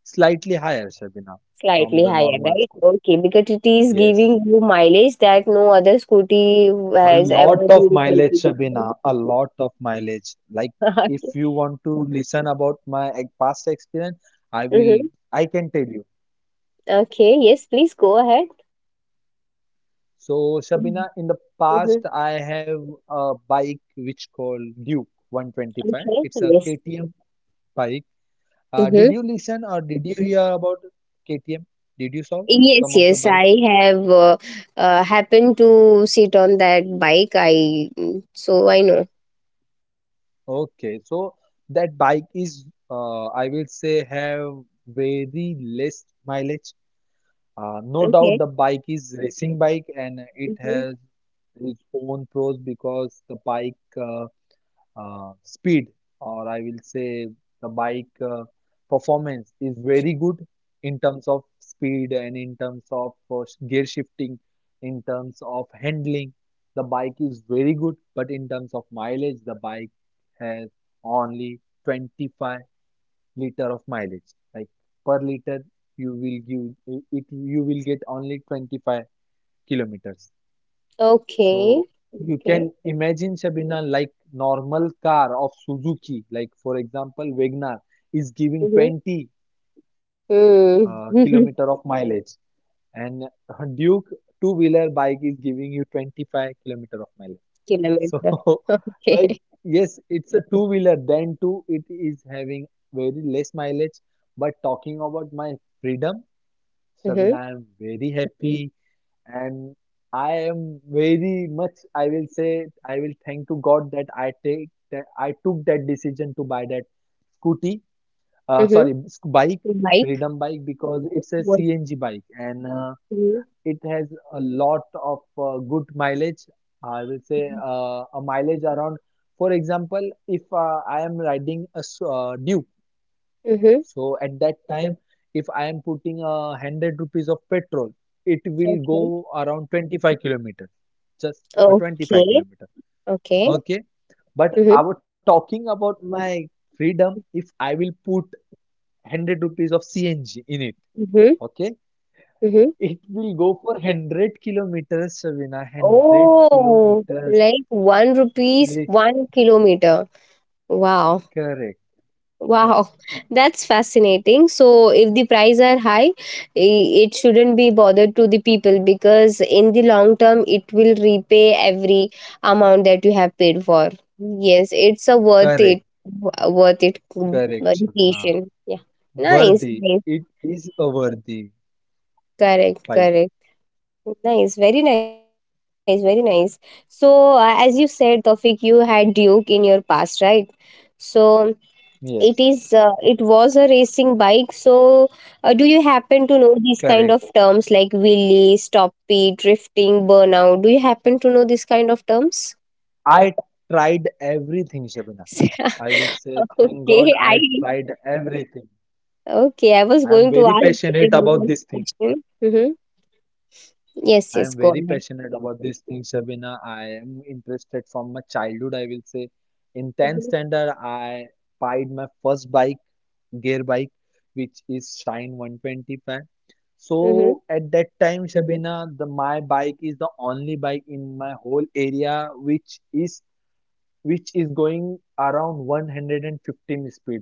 C: Slightly higher, Shabina, from
A: Slightly
C: the
A: higher,
C: normal
A: right?
C: scooty.
A: Okay, because it is
C: Yes.
A: giving you mileage that no other scooty
C: A
A: has
C: lot
A: ever
C: of
A: been able
C: mileage,
A: to give you.
C: Shabina. A lot of mileage. Like, if
A: Okay.
C: you want to listen about my past experience, I will,
A: Mm-hmm.
C: I can tell you.
A: Okay, yes, please go ahead.
C: So, Shabina, in the
A: Mm-hmm.
C: past, I have a bike which called Duke 125.
A: Okay,
C: It's a
A: yes.
C: KTM bike. Did
A: Mm-hmm.
C: you listen or did you hear about KTM? Did you saw
A: Yes,
C: some of the
A: yes,
C: bike?
A: I have happened to sit on that bike. I mm, so I know.
C: Okay, so that bike is, I will say, have very less mileage. No doubt
A: Okay.
C: the bike is racing bike and it
A: Mm-hmm.
C: has its own pros, because the bike uh, speed, or I will say the bike performance is very good in terms of speed and in terms of gear shifting, in terms of handling. The bike is very good, but in terms of mileage, the bike has only 25 liter of mileage. Like per liter, you will give it, you will get only 25 kilometers. So
A: Okay.
C: you
A: Okay.
C: can imagine Shabina like normal car of Suzuki, like for example Wagner is giving
A: Mm-hmm.
C: 20
A: Mm.
C: kilometer of mileage, and Duke two-wheeler bike is giving you 25 kilometer of mileage. So
A: Kilometer.
C: like
A: Okay.
C: yes, it's a two-wheeler. Then too, it is having very less mileage. But talking about my freedom, Shabina,
A: Mm-hmm.
C: I am very happy and I am very much, I will say, I will thank to God that I took that decision to buy that scooty,
A: Mm-hmm.
C: sorry, bike,
A: Bike.
C: Freedom bike, because it's a
A: What?
C: CNG bike and
A: Mm-hmm.
C: it has a lot of good mileage. I will say a mileage around, for example, if I am riding a Duke.
A: Mhm.
C: So at that time, if I am putting a 100 rupees of petrol, it will
A: Okay.
C: go around 25 kilometers, just a 25
A: Okay.
C: kilometer.
A: Okay.
C: Okay, but I
A: Mhm.
C: was talking about my freedom. If I will put 100 rupees of CNG in it,
A: Mhm.
C: okay,
A: Mhm.
C: it will go for 100 kilometers, Shavina, hundred
A: Oh,
C: kilometers.
A: like one rupees
C: Li-
A: 1 kilometer. Wow.
C: Correct, correct,
A: Wow. That's fascinating. So if the price are high, it shouldn't be bothered to the people, because in the long term it will repay every amount that you have paid for. Yes, it's a worth it,
C: correct,
A: worth it, mm,
C: correct, Shavina.
A: meditation. Yeah. Nice.
C: Worthy.
A: Nice.
C: It is a worthy
A: Correct.
C: bike.
A: Correct. Nice, very nice, very nice. So, as you said, Tawfiq, you had Duke in your past, right? So it is,
C: Yes.
A: it was a racing bike. So, do you happen to know
C: Correct.
A: these kind of terms like wheelie, stoppie, drifting, burnout? Do you happen to know these kind of terms?
C: I tried everything, Shabina. I will say, thank God,
A: okay, I
C: I tried everything.
A: okay. I was
C: I am
A: going to
C: very
A: ask the
C: passionate about
A: next
C: this thing.
A: question. Mm-hmm. Yes,
C: I
A: yes.
C: am
A: Go
C: very
A: ahead.
C: passionate about this thing, Shabina. I am interested from my childhood, I will say. In 10th
A: Mm-hmm.
C: standard, I pied my first bike, gear bike, which is Shine 125.
A: Mm-hmm.
C: So at that time, Shabina, the my bike is the only bike in my whole area which is going around 115 speed.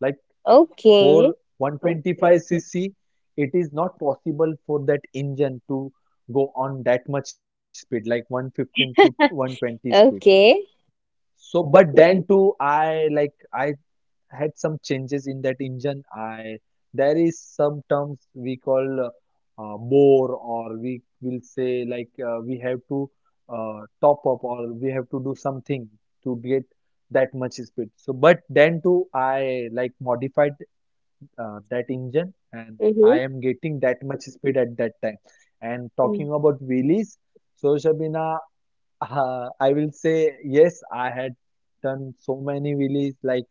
C: Like
A: Okay.
C: for 125cc, it is not possible for that engine to go on that much speed, like 115 to 120 speed.
A: Okay.
C: So, but then too, I had some changes in that engine. I There is some terms we call bore, or we will say like we have to top up, or we have to do something to get that much speed. So, but then too, I like modified that engine and I
A: Mm-hmm.
C: am getting that much speed at that time. And
A: Mm-hmm.
C: talking about wheelies, so Shabina, I will say yes, I had done so many wheelies. Like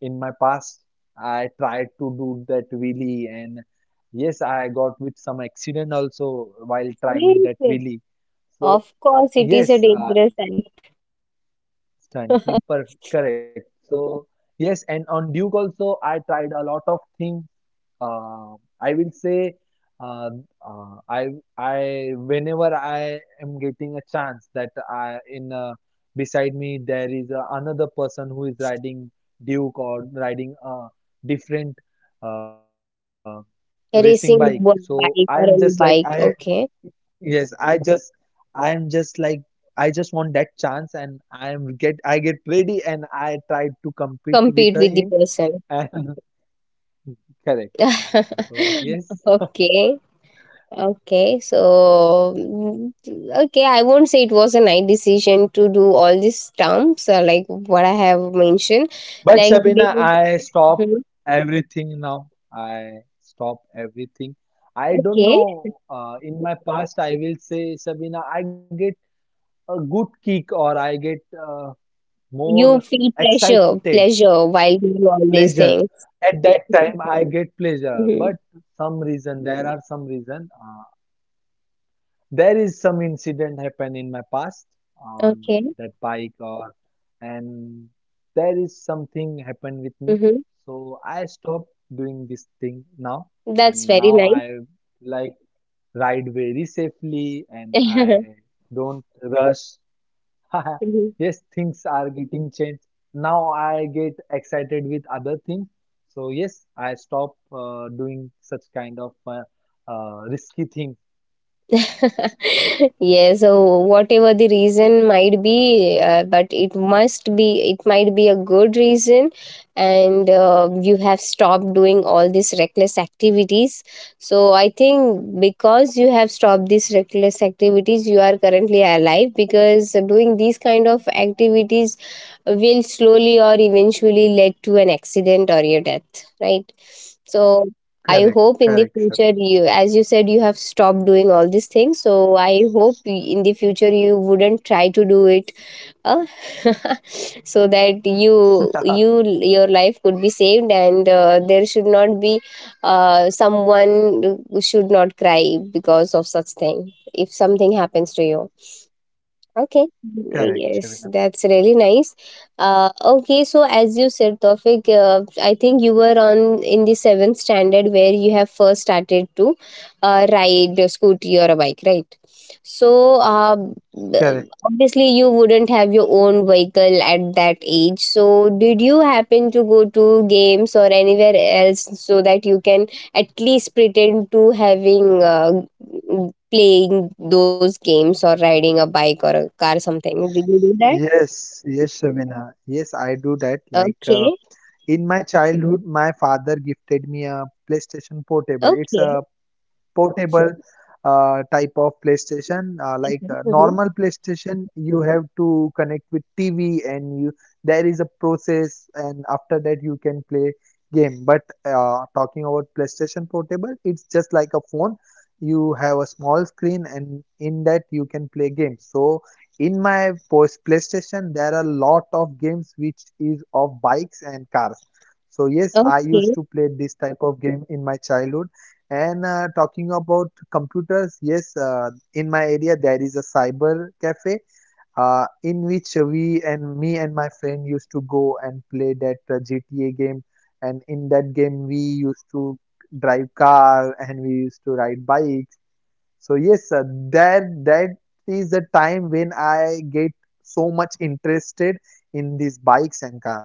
C: in my past, I tried to do that wheelie, and yes, I got with some accident also while trying that
A: Seriously.
C: wheelie. So
A: Of course, it is a
C: yes,
A: dangerous act.
C: Santi, per correct. So yes, and on Duke also, I tried a lot of things. Uh, I will say, uh, uh, I I whenever I am getting a chance that I in beside me there is another person who is riding Duke or riding a different uh, racing bike. So
A: Racing
C: I am
A: one
C: just like
A: bike or
C: I
A: any bike, okay.
C: Yes, I am just like, I just want that chance, and I get ready, and I try to compete with
A: Compete
C: him,
A: with the person.
C: and correct. So yes,
A: Okay, okay. So, mm, okay, I won't say it was a nice decision to do all these terms, like what I have mentioned.
C: but
A: Like,
C: Shabina,
A: doing-
C: I stop
A: Mhm.
C: everything now. I stop everything. I don't
A: Okay,
C: know. In my past, I will say Shabina, I get a good kick, or I get more
A: you feel pleasure,
C: excited
A: pleasure while doing all these
C: pleasure.
A: things.
C: At that time, I get pleasure, but
A: Mhm.
C: there are some reason, there is some incident happened in my past on
A: Okay,
C: that bike or, and there is something happened with me.
A: hmm,
C: So I stopped doing this thing now,
A: that's
C: and
A: very
C: now
A: nice.
C: I like ride very safely and I don't rush.
A: Mhm.
C: Yes, things are getting changed. Now I get excited with other things. So yes, I stop doing such kind of risky thing.
A: Yeah, so whatever the reason might be, but it might be a good reason, and you have stopped doing all these reckless activities. So I think, because you have stopped these reckless activities, you are currently alive, because doing these kind of activities will slowly or eventually lead to an accident or your death, right? So
C: Correct,
A: I hope in
C: correct,
A: the
C: Shabina.
A: future, you, as you said, you have stopped doing all these things. So I hope in the future you wouldn't try to do it, uh, so that you, your life could be saved and there should not be someone who should not cry because of such thing if something happens to you. Okay.
C: Correct,
A: Yes,
C: Shabina.
A: that's really nice. Okay, so as you said, Tofik, I think you were on in the seventh standard where you have first started to ride a scooty or a bike, right? So,
C: Correct.
A: obviously, you wouldn't have your own vehicle at that age. So, did you happen to go to games or anywhere else so that you can at least pretend to having playing those games or riding a bike or a car something. Did you do that?
C: Yes, yes, Shabina. Yes, I do that.
A: Okay.
C: In my childhood, my father gifted me a PlayStation Portable. It's
A: Okay.
C: a portable type of PlayStation.
A: Okay. Mhm.
C: Normal PlayStation, you have to connect with TV, and you. There is a process, and after that you can play game. But talking about PlayStation Portable, it's just like a phone. You have a small screen, and in that you can play games. So in my post PlayStation, there are a lot of games which is of bikes and cars. So yes, I used
A: Okay.
C: to play this type of game in my childhood and talking about computers, yes, in my area there is a cyber cafe in which we and me and my friend used to go and play that GTA game. And in that game, we used to drive car and we used to ride bikes. So that is the time when I get so much interested in these bikes and car.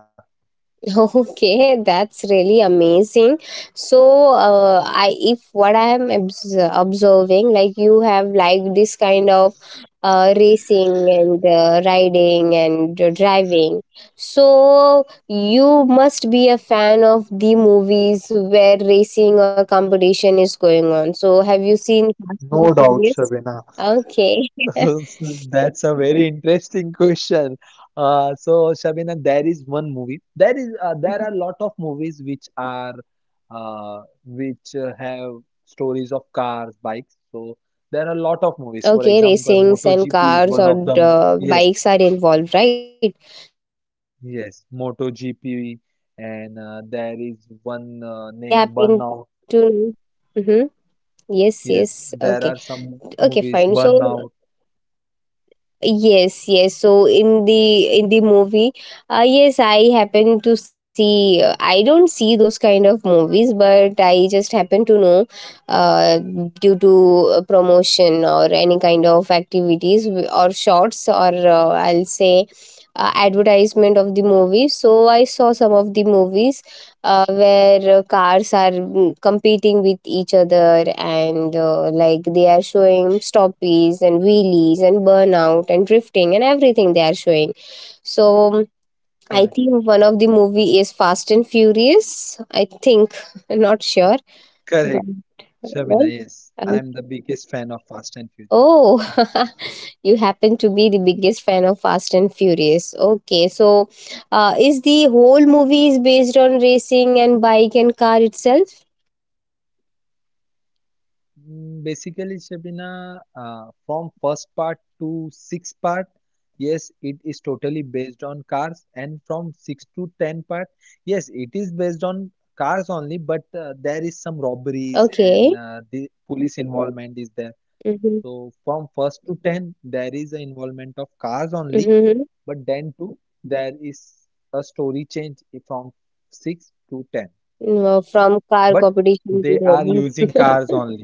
A: Okay, that's really amazing. So, I if what I am observing, like you have like this kind of racing and riding and driving. So you must be a fan of the movies where racing or competition is going on. So have you seen Fast and
C: No doubt,
A: Furious?
C: Shabina.
A: Okay.
C: Oh, so that's a very interesting question. Uh, so, Shabina, there is one movie. There are a lot of movies which are which have stories of cars, bikes. So
A: Okay,
C: there are a lot of
A: racings
C: movies.
A: and
C: For
A: cars
C: example,
A: or
C: MotoGP is one of
A: bikes are
C: them. Yes,
A: involved, right? There must be many.
C: yes,
A: While
C: MotoGP,
A: seeing
C: and
A: movie,
C: there
A: if,
C: is one
A: if I
C: name
A: happen
C: Burnout.
A: to, mm-hmm. Yes, yes,
C: Yes,
A: okay,
C: there are some
A: okay, fine.
C: movies
A: So
C: Burnout.
A: yes, yes. So in the movie, yes, I happen to see. I don't see those kind of movies, but I just happen to know, uh, due to a promotion or any kind of activities, or shorts or uh, I'll say, advertisement of the movie. So I saw some of the movies where cars are mm, competing with each other and like they are showing stoppies and wheelies and burnout and drifting and everything they are showing. So um, I
C: Correct,
A: think one of the movie is Fast and Furious, I think. I'm not sure, but
C: correct.
A: well,
C: Shabina, yes,
A: uh,
C: I'm the biggest fan of Fast and Furious.
A: oh, you happen to be the biggest fan of Fast and Furious. Okay, so is the whole movie is based on racing and bike and car itself?
C: Mm, basically, Shabina, from first part to sixth part, yes, it is totally based on cars, and from six to ten part, yes, it is based on cars only, but there is some robberies and
A: Okay.
C: the police involvement is there.
A: Mhm.
C: So from first to ten, there is an involvement of cars only,
A: Mhm.
C: but then too there is a story change from six to ten,
A: Well, from car
C: but
A: competition to
C: they are
A: roaming.
C: using cars only.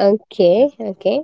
A: Okay.
C: Yes,
A: Okay.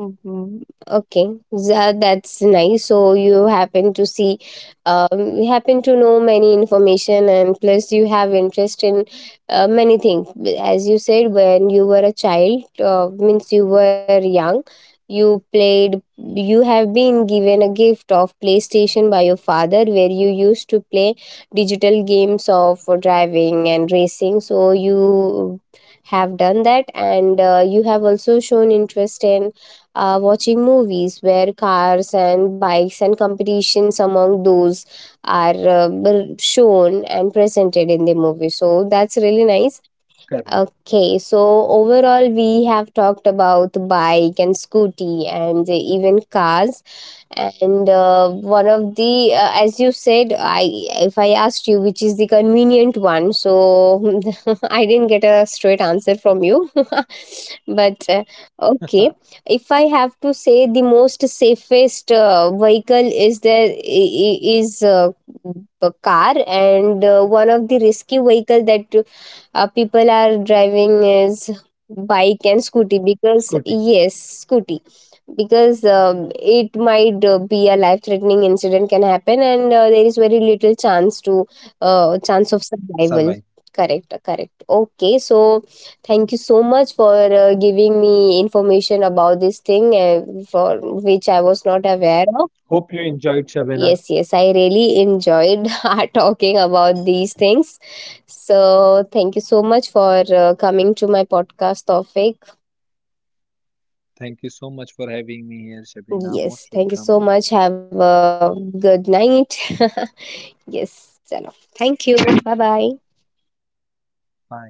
A: Mhm. Okay, that's nice. So you happen to see, you happen to know many information, and plus you have interest in many things. As you said, when you were a child, means you were young, you played. You have been given a gift of PlayStation by your father, where you used to play digital games of driving and racing. So you have done that, and you have also shown interest in watching movies where cars and bikes and competitions among those are shown and presented in the movie. So that's really nice.
C: correct.
A: Okay, so overall, we have talked about bike and scooty and even cars. And one of the, as you said, I if I asked you which is the convenient one, so I didn't get a straight answer from you. But okay, if I have to say, the most safest vehicle is there is a car, and one of the risky vehicle that people are driving is bike and scooty, because
C: Scooty,
A: yes, scooty, because it might be a life threatening incident can happen and there is very little chance to chance of survival.
C: survive.
A: Correct, correct. Okay, so thank you so much for giving me information about this thing for which I was not aware of.
C: Hope you enjoyed, Shabina.
A: Yes, yes, I really enjoyed our talking about these things. So, thank you so much for coming to my podcast topic.
C: Thank you so much for having me here, Shabina. Most
A: Yes, thank you
C: welcome.
A: so much. Have a good night. Yes, chalo. Thank you. Bye
C: Eh,
A: bye.
C: bye.